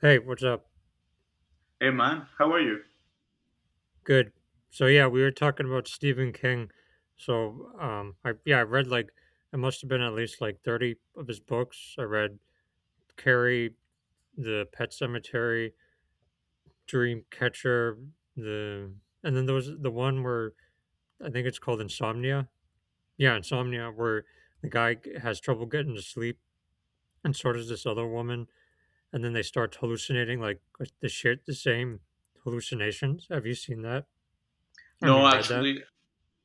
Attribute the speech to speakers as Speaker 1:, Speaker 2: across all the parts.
Speaker 1: Hey, what's up?
Speaker 2: Hey man, how are you?
Speaker 1: Good. So yeah, we were talking about Stephen King. I read like it must have been at least like 30 of his books. I read Carrie, The Pet Cemetery, Dreamcatcher, the and then there was the one where I think it's called Insomnia. Yeah, Insomnia where the guy has trouble getting to sleep, and so does this other woman, and then they start hallucinating like the same hallucinations. Have you seen that? I
Speaker 2: No,
Speaker 1: mean, read that?
Speaker 2: actually,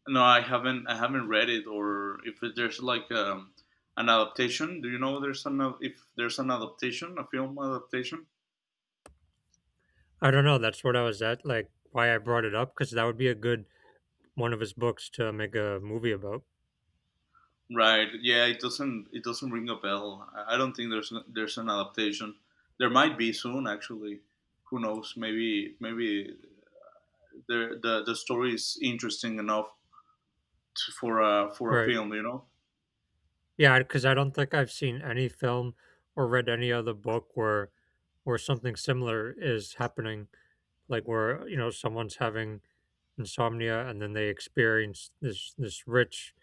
Speaker 2: no, I haven't. I haven't read it, or if there's an adaptation. Do you know there's an if there's an adaptation, a film adaptation?
Speaker 1: I don't know. That's what I was at, like why I brought it up, because that would be a good one of his books to make a movie about.
Speaker 2: Right. Yeah, it doesn't. It doesn't ring a bell. I don't think there's an adaptation. There might be soon, actually. Who knows? Maybe the story is interesting enough to, for a
Speaker 1: Right.
Speaker 2: film. You know.
Speaker 1: Yeah, because I don't think I've seen any film or read any other book where something similar is happening, like where you know someone's having insomnia, and then they experience this rich,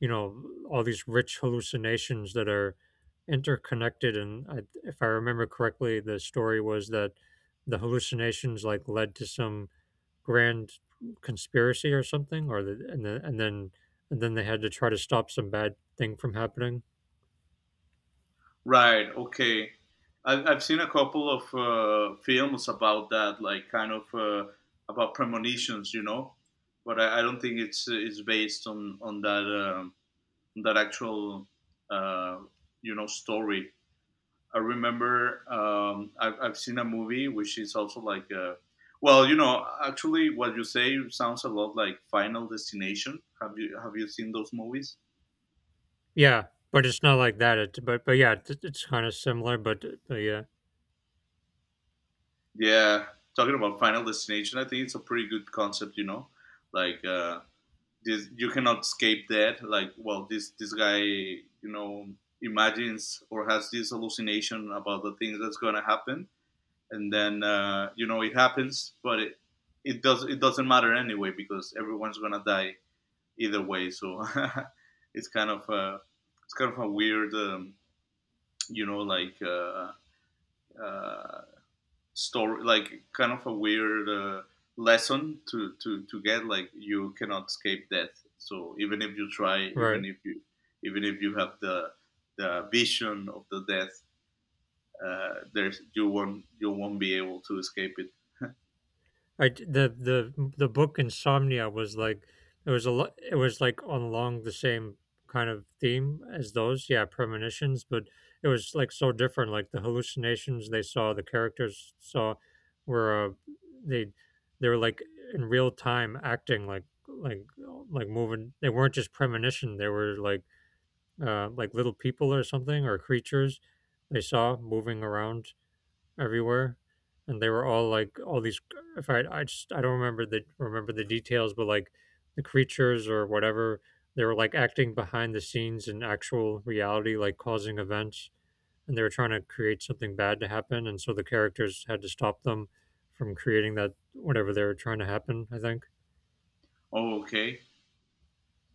Speaker 1: you know, all these rich hallucinations that are interconnected. And I, if I remember correctly, the story was that the hallucinations like led to some grand conspiracy or something, or the, and then they had to try to stop some bad thing from happening.
Speaker 2: Right. Okay. I've seen a couple of films about that, like kind of about premonitions, you know. But I don't think it's based on that that actual uh, you know story. I remember I've seen a movie which is also like well, you know, actually, what you say sounds a lot like Final Destination. Have you seen those movies?
Speaker 1: Yeah, but it's not like that. It's kind of similar. But yeah,
Speaker 2: Yeah, talking about Final Destination, I think it's a pretty good concept. You know, like this, you cannot escape that. Like, well, this guy, you know, imagines or has this hallucination about the things that's gonna happen, and then you know it happens, but it does it doesn't matter anyway because everyone's gonna die either way. So it's kind of uh, it's kind of a weird, you know, like. Uh, story, like kind of a weird lesson to get. Like you cannot escape death. So even if you try,
Speaker 1: right.
Speaker 2: even if you have the vision of the death, there's you won't be able to escape it.
Speaker 1: I, the book Insomnia was like it was like on along the same kind of theme as those, yeah, premonitions, but it was like so different. Like the hallucinations the characters saw were they they were like in real time acting moving. They weren't just premonition. They were like little people or something, or creatures they saw moving around everywhere, and they were all like all these. If I I just I don't remember the details, but like the creatures or whatever, they were like acting behind the scenes in actual reality, like causing events, and they were trying to create something bad to happen, and so the characters had to stop them from creating that, whatever they were trying to happen. I think.
Speaker 2: Oh, okay,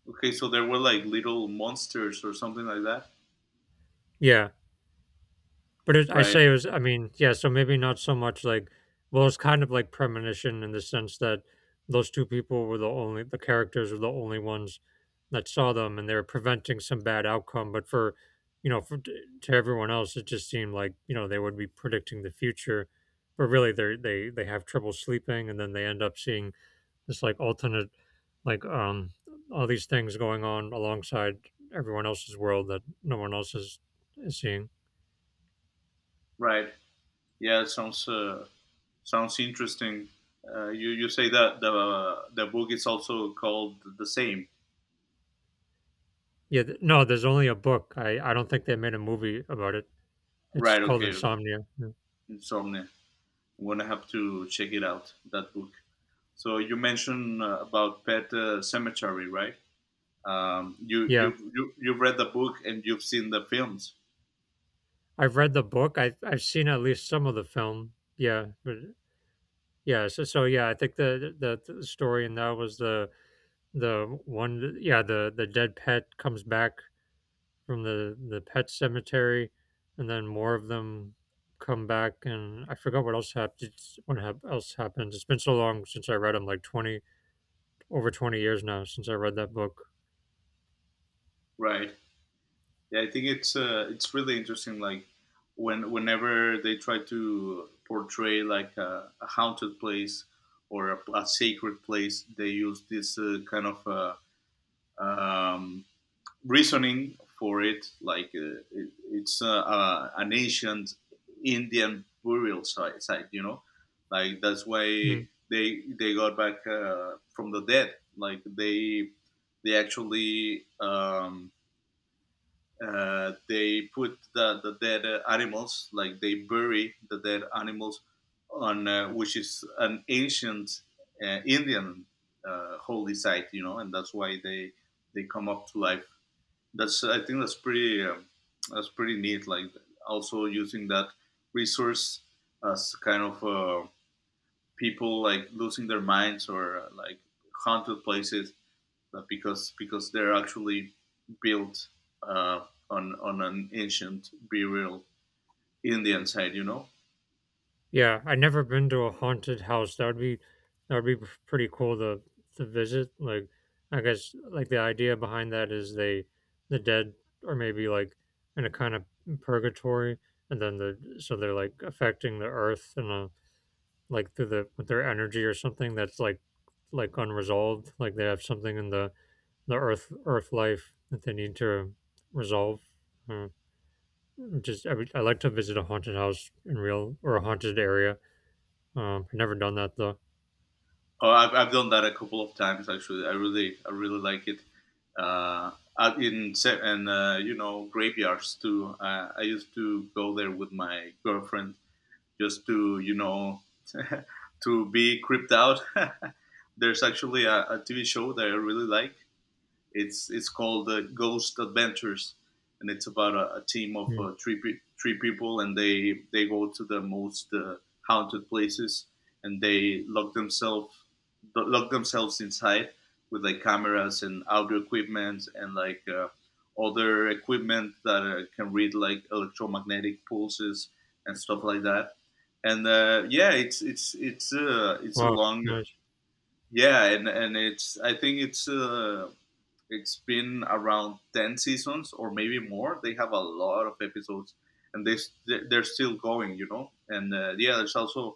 Speaker 2: okay. So there were like little monsters or something like that.
Speaker 1: Yeah. But it, I
Speaker 2: Right,
Speaker 1: say it was, I mean, yeah, so maybe not so much like, well, it's kind of like premonition in the sense that those two people were the only, the characters were the only ones that saw them, and they were preventing some bad outcome. You know, for, to everyone else, it just seemed like, you know, they would be predicting the future. But really, they have trouble sleeping, and then they end up seeing this like alternate, like all these things going on alongside everyone else's world that no one else is seeing.
Speaker 2: right. Yeah, it sounds sounds interesting. You you say that the book is also called the same.
Speaker 1: No, there's only a book. I don't think they made a movie about it. It's
Speaker 2: Right.
Speaker 1: called
Speaker 2: Okay. Okay.
Speaker 1: Insomnia. Yeah.
Speaker 2: Insomnia. We're gonna have to check it out. That book. So you mentioned about Pet Cemetery, right? You
Speaker 1: Yeah.
Speaker 2: you you you've read the book and you've seen the films,
Speaker 1: I've read the book. I've seen at least some of the film. Yeah, but yeah, so so yeah, I think the story in that was the dead pet comes back from the pet cemetery, and then more of them come back. And I forgot what else happened. It's been so long since I read them, like 20 years now since I read that book.
Speaker 2: right? Yeah, I think it's really interesting. Like when whenever they try to portray like a haunted place or a sacred place, they use this kind of um, reasoning for it, like it, it's an ancient Indian burial site, site, you know, like that's
Speaker 1: Hmm.
Speaker 2: why they got back from the dead. Like they actually they put the dead animals, like they bury the dead animals on which is an ancient Indian holy site, you know, and that's why they come up to life. That's I think that's pretty neat. Like also using that resource as kind of people like losing their minds or like haunted places, but because they're actually built uh, on an ancient burial Indian site. You know,
Speaker 1: Yeah, I've never been to a haunted house. That would be pretty cool to visit. Like I guess like the idea behind that is the dead are maybe like in a kind of purgatory, and then they're like affecting the earth, and like through the with their energy or something that's like unresolved. Like they have something in the earth life that they need to resolve. Uh, I like to visit a haunted house in real, or a haunted area. I've never done that though.
Speaker 2: oh, I've done that a couple of times actually. I really like it. Uh, in se- and you know graveyards too. I used to go there with my girlfriend just to you know to be creeped out. There's actually a, TV show that I really like. It's called Ghost Adventures, and it's about a team of
Speaker 1: Mm.
Speaker 2: three pe- three people, and they go to the most haunted places, and they lock themselves inside with like cameras and audio equipment and like other equipment that can read like electromagnetic pulses and stuff like that. And yeah, it's a
Speaker 1: Wow,
Speaker 2: long
Speaker 1: nice.
Speaker 2: yeah, and it's I think it's been around 10 seasons or maybe more. They have a lot of episodes and they they're still going, you know? And yeah, there's also,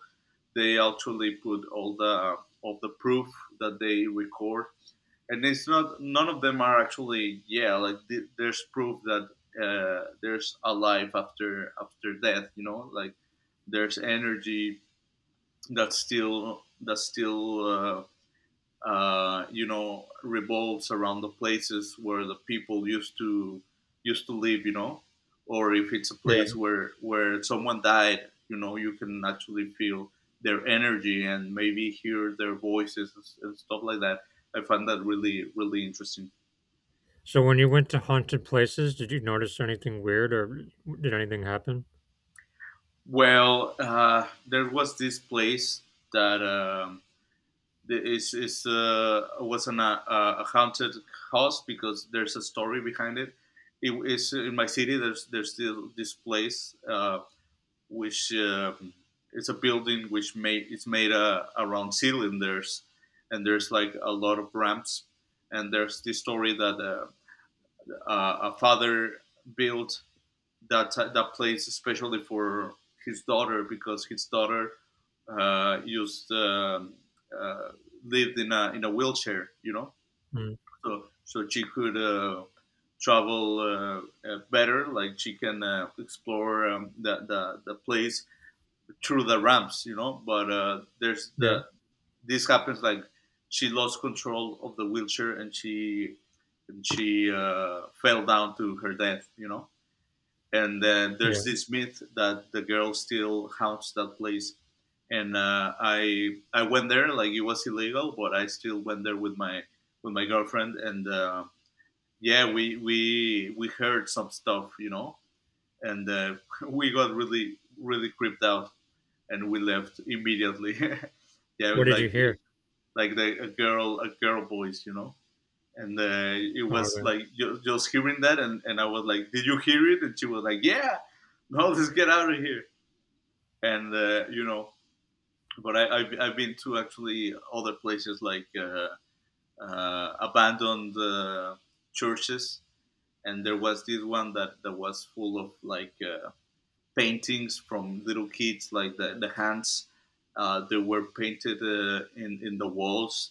Speaker 2: they actually put all the proof that they record. And it's not, none of them are actually, yeah, like th- there's proof that there's a life after, after death, you know? Like there's energy that's still, you know revolves around the places where the people used to used to live, you know, or if it's a place
Speaker 1: Yeah.
Speaker 2: where someone died, you know, you can actually feel their energy and maybe hear their voices and s- and stuff like that. I find that really really interesting.
Speaker 1: So when you went to haunted places, did you notice anything weird, or did anything happen?
Speaker 2: Well there was this place that the- It's is was an, a haunted house because there's a story behind it. It is in my city. There's still this place which it's a building which made it's made around cylinders, and there's like a lot of ramps. And there's this story that a father built that that plays especially for his daughter because his daughter used uh, lived in a wheelchair, you know,
Speaker 1: Mm.
Speaker 2: so so she could travel better. Like she can explore the place through the ramps, you know. But there's
Speaker 1: Yeah,
Speaker 2: the this happens like she lost control of the wheelchair and she fell down to her death, you know, and then there's
Speaker 1: yeah.
Speaker 2: this myth that the girl still haunts that place. And I went there like it was illegal but I still went there with my girlfriend and yeah we heard some stuff, you know, and we got really really creeped out and we left immediately. Yeah
Speaker 1: What did you
Speaker 2: like
Speaker 1: hear?
Speaker 2: it- like the, a girl voice, you know, and it
Speaker 1: Oh,
Speaker 2: was
Speaker 1: okay.
Speaker 2: like ju- just hearing that and I was like did you hear it and she was like yeah. No, let's get out of here. And you know, but I've been to actually other places like abandoned churches, and there was this one that that was full of like paintings from little kids, like the hands. They were painted in the walls,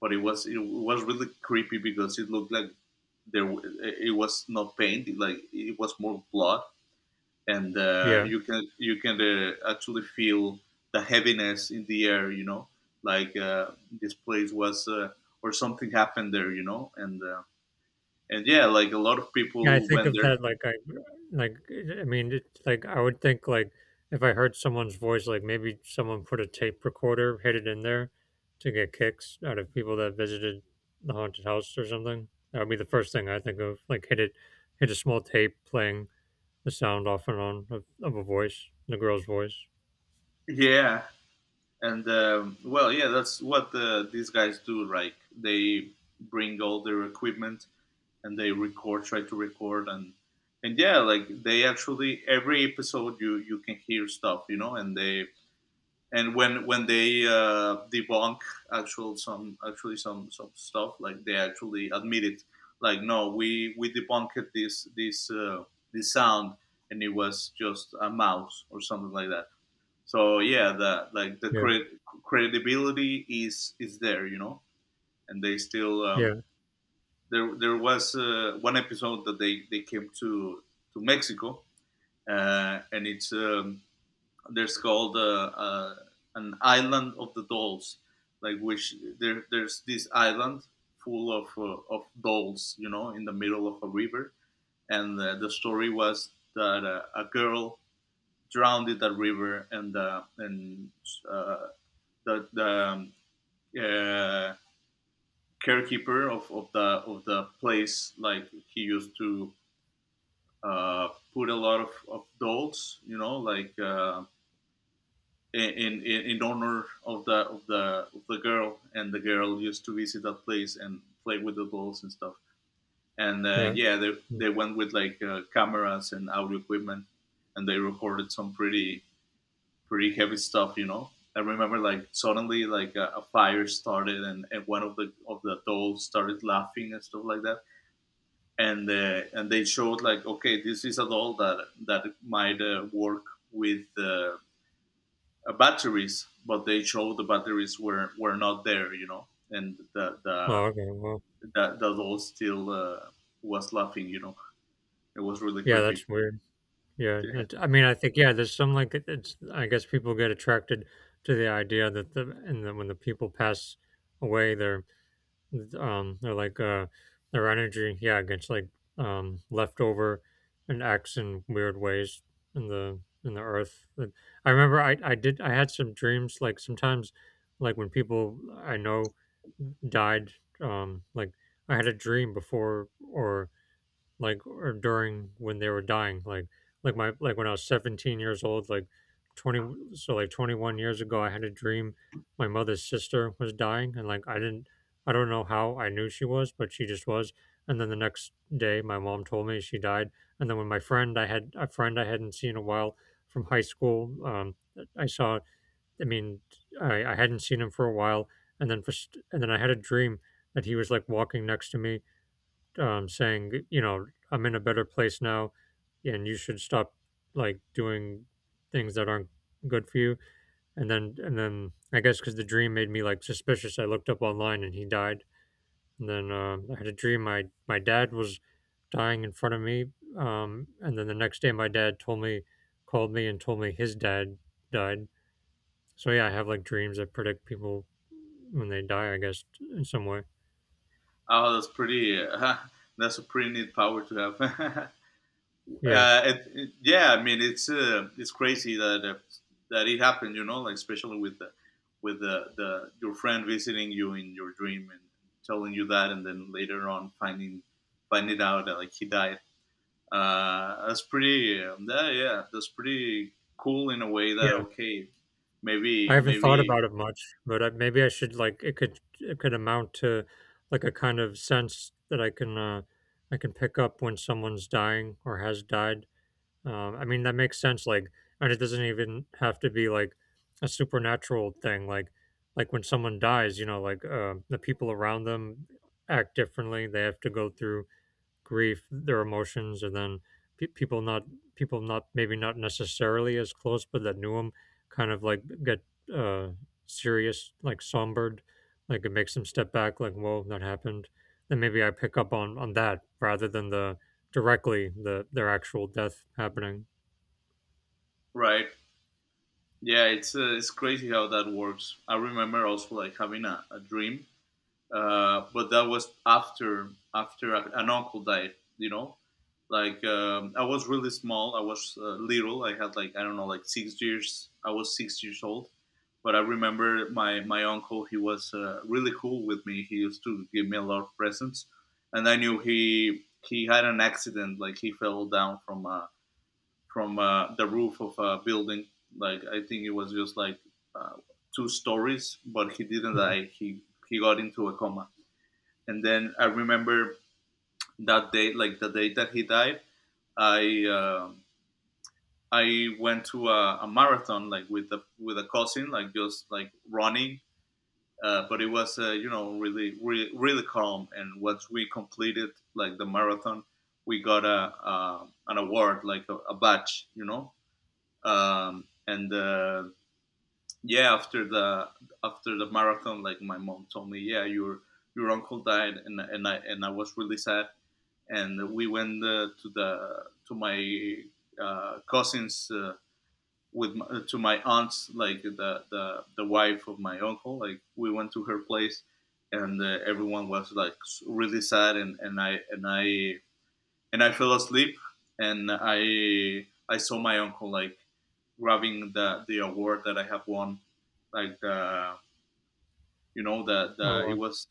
Speaker 2: but it was really creepy because it looked like there it was not paint, like it was more blood. And
Speaker 1: Yeah.
Speaker 2: you can actually feel the heaviness in the air, you know, like this place was or something happened there, you know, and yeah like a lot of
Speaker 1: Yeah, I
Speaker 2: people
Speaker 1: think
Speaker 2: went
Speaker 1: of
Speaker 2: there.
Speaker 1: that like I like, I mean, it's like I would think like if I heard someone's voice, like maybe someone put a tape recorder, hid it in there to get kicks out of people that visited the haunted house or something. That would be the first thing I think of. Like hit a small tape playing the sound off and on of a voice, the girl's voice.
Speaker 2: Yeah, and well yeah that's what these guys do, like they bring all their equipment and they record try to record and yeah like they actually every episode you you can hear stuff, you know, and they and when they debunk actual some actually some stuff, like they actually admit it like no we we debunked this this this sound and it was just a mouse or something like that. So yeah the like the
Speaker 1: Yeah,
Speaker 2: cre- credibility is there, you know, and they still
Speaker 1: yeah,
Speaker 2: there there was one episode that they came to Mexico and it's there's called an island of the dolls, like which there there's this island full of dolls, you know, in the middle of a river, and the story was that a girl drowned in that river, and uh, the uh, carekeeper of the place, like he used to put a lot of dolls, you know, like. In, in honor of the of the of the girl, and the girl used to visit that place and play with the dolls and stuff. And
Speaker 1: yeah.
Speaker 2: yeah,
Speaker 1: Mm.
Speaker 2: they went with like cameras and audio equipment, and they recorded some pretty pretty heavy stuff, you know. I remember like suddenly like a fire started and one of the dolls started laughing and stuff like that. And and they showed like okay this is a doll that that might work with batteries, but they showed the batteries were not there, you know, and
Speaker 1: Oh, okay. Well,
Speaker 2: the doll still was laughing, you know. It was really
Speaker 1: yeah,
Speaker 2: creepy.
Speaker 1: that's weird.
Speaker 2: Yeah.
Speaker 1: I think yeah, there's some like it's, I guess people get attracted to the idea that the and then when the people pass away, they're like their energy, yeah, gets like left over and acts in weird ways in the earth. But I remember I had some dreams like sometimes, like when people I know died. Like I had a dream before or like or during when they were dying, like my like when I was 17 years old, like 20, so like 21 years ago, I had a dream my mother's sister was dying, and like I don't know how I knew she was, but she just was. And then the next day my mom told me she died. And then when my friend I had a friend I hadn't seen in a while from high school. I saw I mean, I hadn't seen him for a while, and then and then I had a dream that he was like walking next to me, saying, you know, I'm in a better place now, and you should stop like doing things that aren't good for you. And then I guess because the dream made me like suspicious, I looked up online and he died. And then I had a dream my dad was dying in front of me. And then the next day, my dad called me and told me his dad died. So yeah, I have like dreams that predict people when they die, I guess, in some way.
Speaker 2: Oh, that's pretty. That's a pretty neat power to have.
Speaker 1: Yeah.
Speaker 2: Uh, it- yeah, I mean it's crazy that that it happened, you know, like especially with the your friend visiting you in your dream and telling you that, and then later on finding finding out that like he died. Uh, that's pretty that, yeah that's pretty cool in a way that
Speaker 1: Yeah.
Speaker 2: okay
Speaker 1: I
Speaker 2: maybe
Speaker 1: haven't thought
Speaker 2: maybe
Speaker 1: about it much, but I, maybe I should. Like it could amount to like a kind of sense that I can pick up when someone's dying or has died. I mean, that makes sense. Like, and it doesn't even have to be like a supernatural thing. Like when someone dies, you know, like the people around them act differently. They have to go through grief, their emotions, and then pe- people not people not, maybe not necessarily as close, but that knew him, kind of like get uh, serious, like sombered, like it makes them step back, like whoa, that happened. Then maybe I pick up on that rather than the directly their actual death happening.
Speaker 2: right. Yeah, it's crazy how that works. I remember also like having a dream. But that was after after an uncle died. You know, like I was really small. I was little. I had like I don't know, like 6 years. I was 6 years old. But I remember my uncle. He was really cool with me. He used to give me a lot of presents, and I knew he had an accident. Like he fell down from the roof of a building. Like I think it was just like uh, two stories, but he didn't
Speaker 1: Mm.
Speaker 2: die. He got into a coma. And then I remember that day, like the day that he died, I uh, I went to a marathon like with a cousin, like just like running. But it was you know really, really calm. And once we completed like the marathon, we got a an award, like a badge, you know. And Yeah, after the marathon, like my mom told me, yeah, your uncle died, and I was really sad, and we went to my cousins with to my aunt's, like the wife of my uncle. Like we went to her place, and everyone was like really sad, and I fell asleep, and I saw my uncle like grabbing the award that I have won, like the you know
Speaker 1: Oh,
Speaker 2: the it was,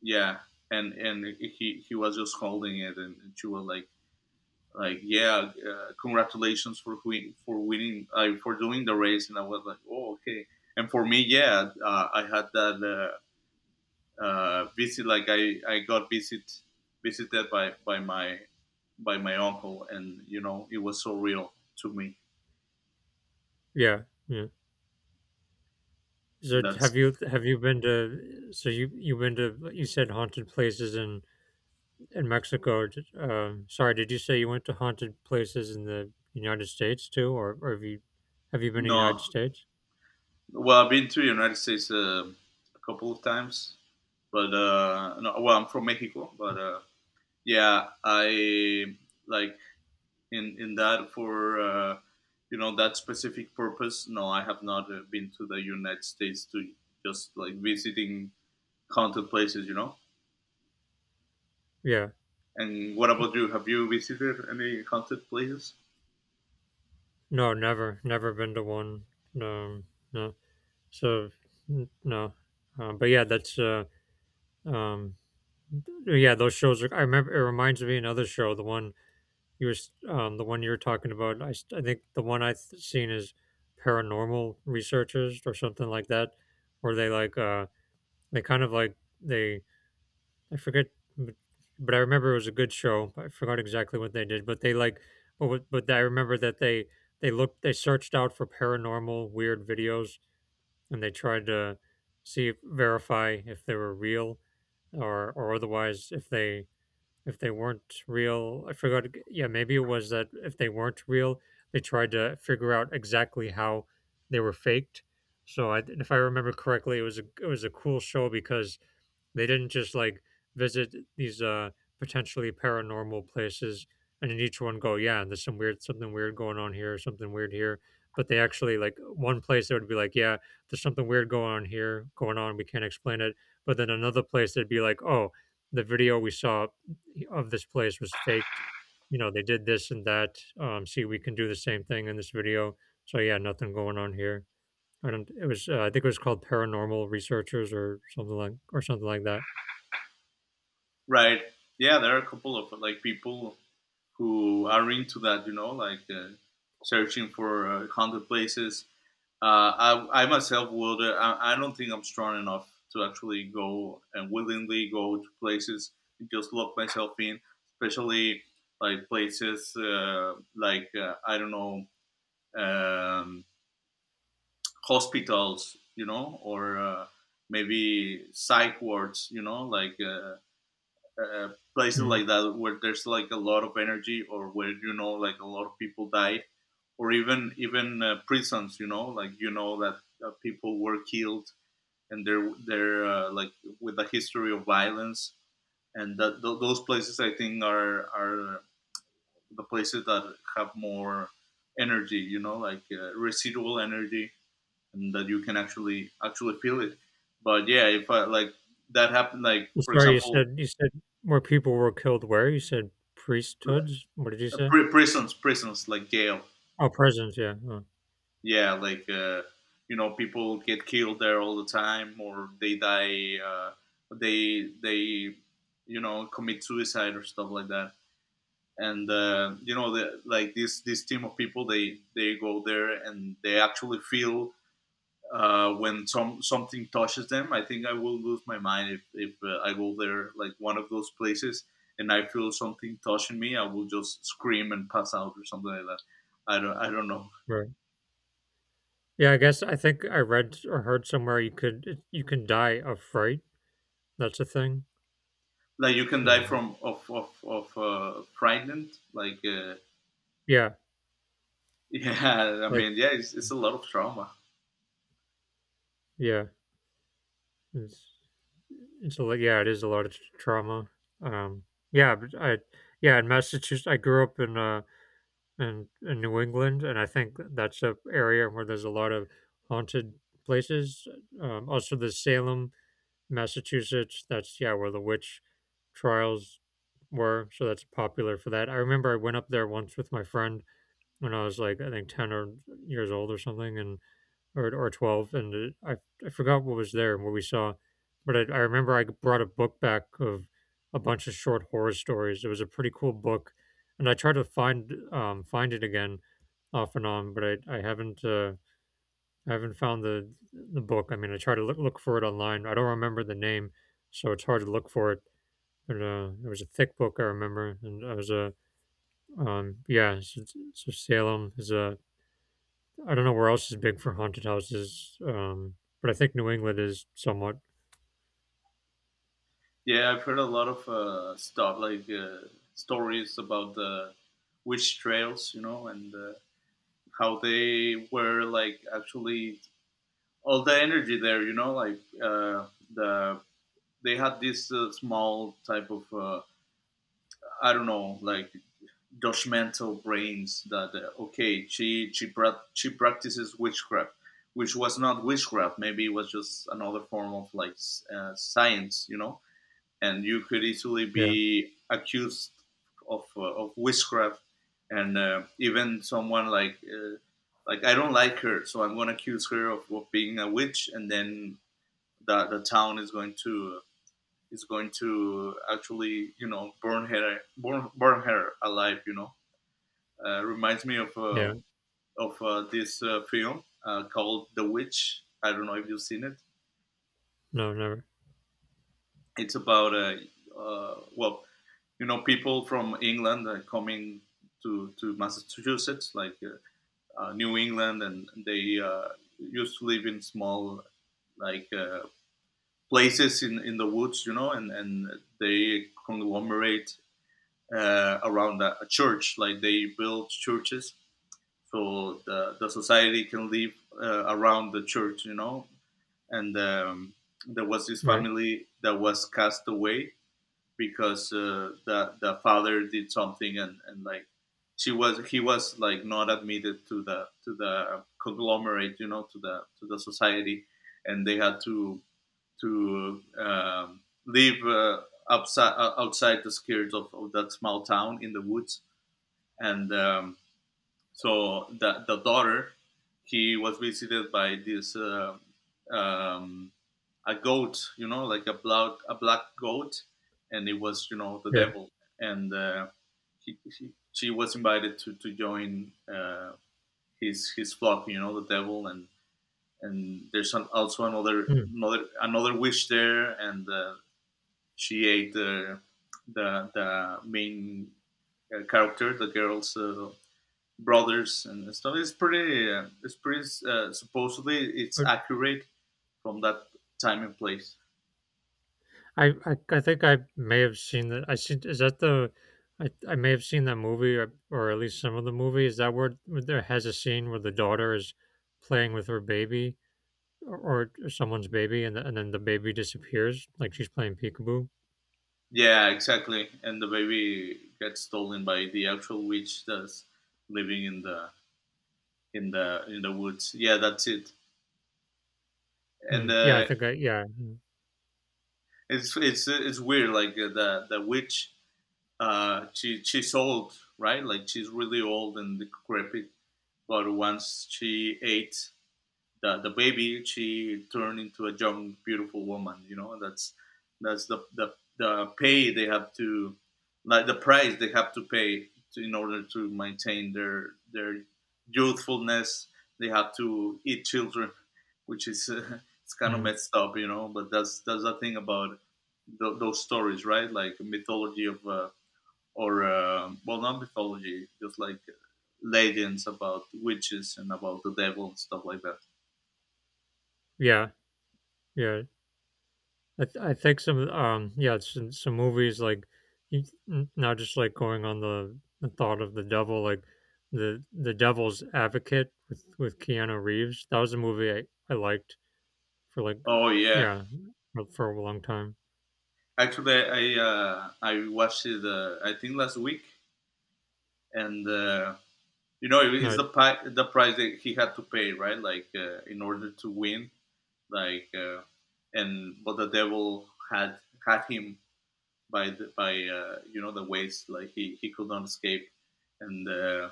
Speaker 2: yeah. And he was just holding it, and she was like, yeah, congratulations for winning, for doing the race. And I was like, oh, okay. And for me, yeah, I had that visit. Like I got visited by by my uncle, and you know it was so real to me.
Speaker 1: yeah, yeah. So
Speaker 2: That's
Speaker 1: have you been to? So you been to? You said haunted places in Mexico. Sorry, did you say you went to haunted places in the United States too, or have you been to the United
Speaker 2: no
Speaker 1: States?
Speaker 2: well, I've been to the United States a couple of times, but no, well, I'm from Mexico, but yeah, I, like, in that for you know that specific purpose. No, I have not been to the United States to just like visiting haunted places. You know.
Speaker 1: Yeah,
Speaker 2: And what about you? Have you visited any haunted places?
Speaker 1: no, never, never been to one. No, no. So no, but yeah, that's um, yeah, those shows are, I remember, it reminds me of another show, the one you were talking about. I think the one I've seen is Paranormal Researchers or something like that, where they like they kind of like they, I forget, but but I remember it was a good show. I forgot exactly what they did, but they like, but I remember that they looked, they searched out for paranormal weird videos, and they tried to see verify if they were real, or otherwise if they weren't real. I forgot. Yeah, maybe it was that if they weren't real, they tried to figure out exactly how they were faked. So I, if I remember correctly, it was a cool show because they didn't just like visit these potentially paranormal places, and in each one go, yeah, there's some weird, something weird going on here, something weird here. But they actually, like one place they would be like, yeah, there's something weird going on here, we can't explain it. But then another place they'd be like, oh, the video we saw of this place was faked. You know, they did this and that. See, we can do the same thing in this video. So yeah, nothing going on here. I don't. It was. I think it was called Paranormal Researchers or something like that.
Speaker 2: Right. Yeah, there are a couple of like people who are into that. You know, like, searching for haunted places. Uh, I myself will. I don't think I'm strong enough to actually go and willingly go to places and just lock myself in, especially like places like, I don't know, um, hospitals, you know, or maybe psych wards, you know, like, uh, places
Speaker 1: Mhm.
Speaker 2: like that where there's like a lot of energy or where you know like a lot of people died, or even prisons, you know, like you know that people were killed and they're like with a history of violence, and that those places I think are the places that have more energy, you know, like residual energy, and that you can actually feel it. But yeah, if I, like, that happened, like
Speaker 1: Well,
Speaker 2: for
Speaker 1: sorry, you
Speaker 2: example,
Speaker 1: said you said more people were killed where? You said priesthoods? What did you
Speaker 2: uh,
Speaker 1: say?
Speaker 2: prisons, prisons like jail,
Speaker 1: Oh, prisons, yeah. Oh,
Speaker 2: yeah, like you know, people get killed there all the time, or they die, they you know commit suicide or stuff like that. And you know the, like this team of people, they go there and they actually feel when something touches them. I think I will lose my mind if, I go there like one of those places and I feel something touching me. I will just scream and pass out or something like that. I don't know.
Speaker 1: right. Yeah, I guess I think I read or heard somewhere you can die of fright. That's a thing.
Speaker 2: Like, you can
Speaker 1: So
Speaker 2: die from of frightened, like,
Speaker 1: yeah,
Speaker 2: yeah, I
Speaker 1: like,
Speaker 2: mean, yeah, it's a lot of trauma.
Speaker 1: yeah, it's it's a lot. Yeah, it is a lot of trauma. Um, yeah, but I yeah, in Massachusetts. I grew up in New England, and I think that's a area where there's a lot of haunted places. Also, the Salem, Massachusetts. That's, yeah, where the witch trials were. So that's popular for that. I remember I went up there once with my friend when I was like, I think, ten or years old or something, and or 12, and I forgot what was there and what we saw, but I remember I brought a book back of a bunch of short horror stories. It was a pretty cool book, and I tried to find find it again off and on, but I haven't. I haven't found the book. I mean, I tried to look for it online. I don't remember the name, so it's hard to look for it. But it was a thick book, I remember, and I was a, yeah. So Salem is a. I don't know where else is big for haunted houses, but I think New England is somewhat.
Speaker 2: Yeah, I've heard a lot of stuff like stories about the witch trails, you know, and how they were like actually all the energy there, you know, like the they had this small type of I don't know, like judgmental brains that okay, she practices witchcraft, which was not witchcraft. Maybe it was just another form of like science, you know, and you could easily
Speaker 1: Yeah,
Speaker 2: be accused of witchcraft, and even someone like, like I don't like her, so I'm going to accuse her of being a witch, and then the town is going to actually you know burn, burn her alive. You know, reminds me
Speaker 1: yeah.
Speaker 2: of this film called The Witch. I don't know if you've seen it.
Speaker 1: No, never.
Speaker 2: It's about a, well, you know, people from England are coming to Massachusetts, like, New England, and they used to live in small like places in the woods, you know, and they conglomerate around a church, like they build churches so the society can live around the church, you know, and. There was this
Speaker 1: Right.
Speaker 2: family that was cast away because the father did something, and like she was he was like not admitted to the conglomerate, you know, to the society, and they had to to um, live outside, outside the skirts of that small town in the woods. And so the daughter, he was visited by this um, a goat, you know, like a black goat, and it was, you know, the
Speaker 1: Yeah.
Speaker 2: devil, and she was invited to join, his flock, you know, the devil. And there's an, also
Speaker 1: Mm.
Speaker 2: another witch there, and she ate the the main character, the girl's brothers and stuff. It's pretty. It's pretty. Supposedly, it's accurate from that time and place.
Speaker 1: I think I may have seen that. I see. Is that the? I may have seen that movie, or at least some of the movie. Is that where there has a scene where the daughter is playing with her baby, or someone's baby, and then the baby disappears, like she's playing peekaboo.
Speaker 2: Yeah, exactly. And the baby gets stolen by the actual witch that's living in the in the woods. Yeah, that's it. And
Speaker 1: Mm, yeah, I think I. Yeah. Mm.
Speaker 2: it's weird. Like, the witch, she's old, right? Like she's really old and decrepit. But once she ate the baby, she turned into a young beautiful woman, you know. That's the pay they have to, like the price they have to pay to, in order to maintain their youthfulness. They have to eat children, which is it's kind of
Speaker 1: Mm.
Speaker 2: messed up, you know, but that's the thing about those stories, right, like mythology of or well, not mythology, just like legends about witches and about the devil and stuff like that.
Speaker 1: Yeah, yeah. I think some, yeah, some movies like, you- not just like going on the thought of the devil, like the devil's advocate with Keanu Reeves. That was a movie I liked for, like,
Speaker 2: Oh yeah,
Speaker 1: yeah, for a long time.
Speaker 2: actually, I watched it. I think last week, and you know, it's
Speaker 1: Nice.
Speaker 2: the price that he had to pay, right? Like, in order to win, like and but the devil had him by the, by you know, the waist, like he could not escape, and uh,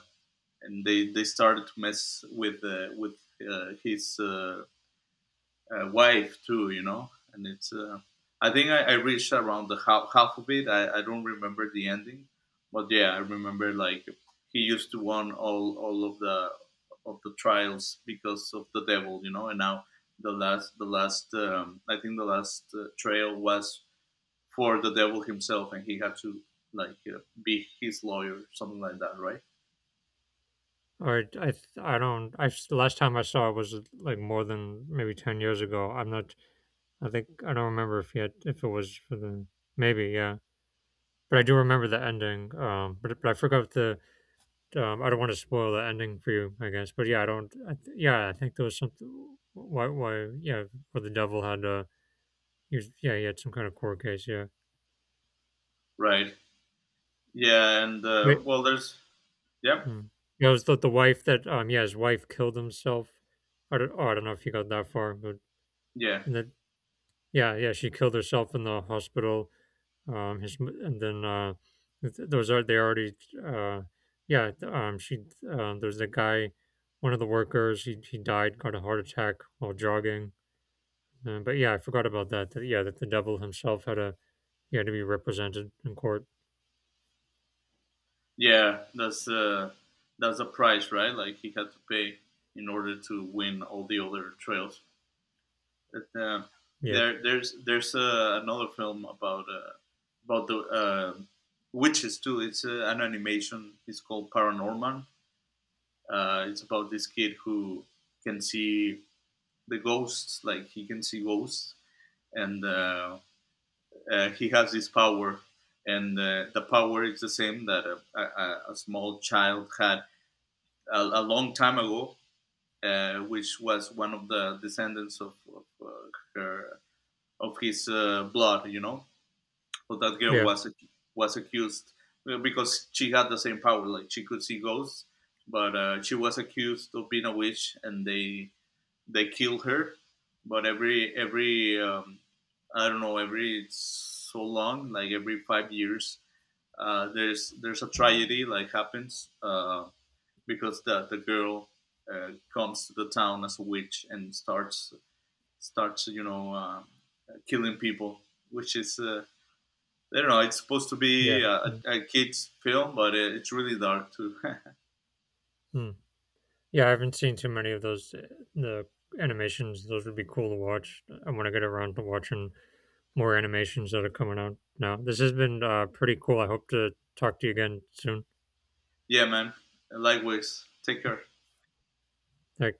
Speaker 2: and they started to mess with his wife too, you know. And it's I I reached around the half, half of it. I don't remember the ending, but yeah, I remember like he used to won all of the trials because of the devil, you know. And now the last I think the last trail was for the devil himself, and he had to, like, be his lawyer, something like that, right?
Speaker 1: All right. I don't. The last time I saw it was like more than maybe 10 years ago. I'm not. I think I don't remember if yet, if it was for the. Maybe, yeah. But I do remember the ending. But I forgot the. I don't want to spoil the ending for you, I guess. But yeah, I don't. Yeah, I think there was something. Why? Yeah, where the devil had. He was, yeah, he had some kind of court case. Yeah.
Speaker 2: Right. Yeah, and
Speaker 1: Wait.
Speaker 2: well, there's yeah,
Speaker 1: Mm. Yeah, it was the wife that. Yeah, his wife killed himself. I don't. Oh, I don't know if he got that far, but
Speaker 2: yeah.
Speaker 1: and then, yeah, yeah, she killed herself in the hospital. And then those are they already, uh, yeah. Um. She. There's a guy. One of the workers. He died. Got a heart attack while jogging. But yeah, I forgot about that. Yeah, that the devil himself had a, yeah, to be represented in court.
Speaker 2: Yeah, that's a price, right? Like he had to pay in order to win all the other trails. But,
Speaker 1: Yeah,
Speaker 2: there's another film about, about the witches too. It's an animation. It's called Paranorman. It's about this kid who can see the ghosts, like he can see ghosts, and he has this power. And the power is the same that a small child had a long time ago, which was one of the descendants of her of his blood. You know, but that girl
Speaker 1: yeah,
Speaker 2: was accused because she had the same power. Like she could see ghosts, but she was accused of being a witch, and they killed her. But every I don't know, every so long, like every 5 years, there's a tragedy like happens. Because the girl comes to the town as a witch and starts, you know, killing people, which is I don't know. It's supposed to be
Speaker 1: yeah, yeah.
Speaker 2: a kids film, but it's really dark too.
Speaker 1: Mm. Yeah, I haven't seen too many of those. The animations; those would be cool to watch. I want to get around to watching more animations that are coming out now. This has been pretty cool. I hope to talk to you again soon.
Speaker 2: Yeah, man. Likewise. Take care.
Speaker 1: Like.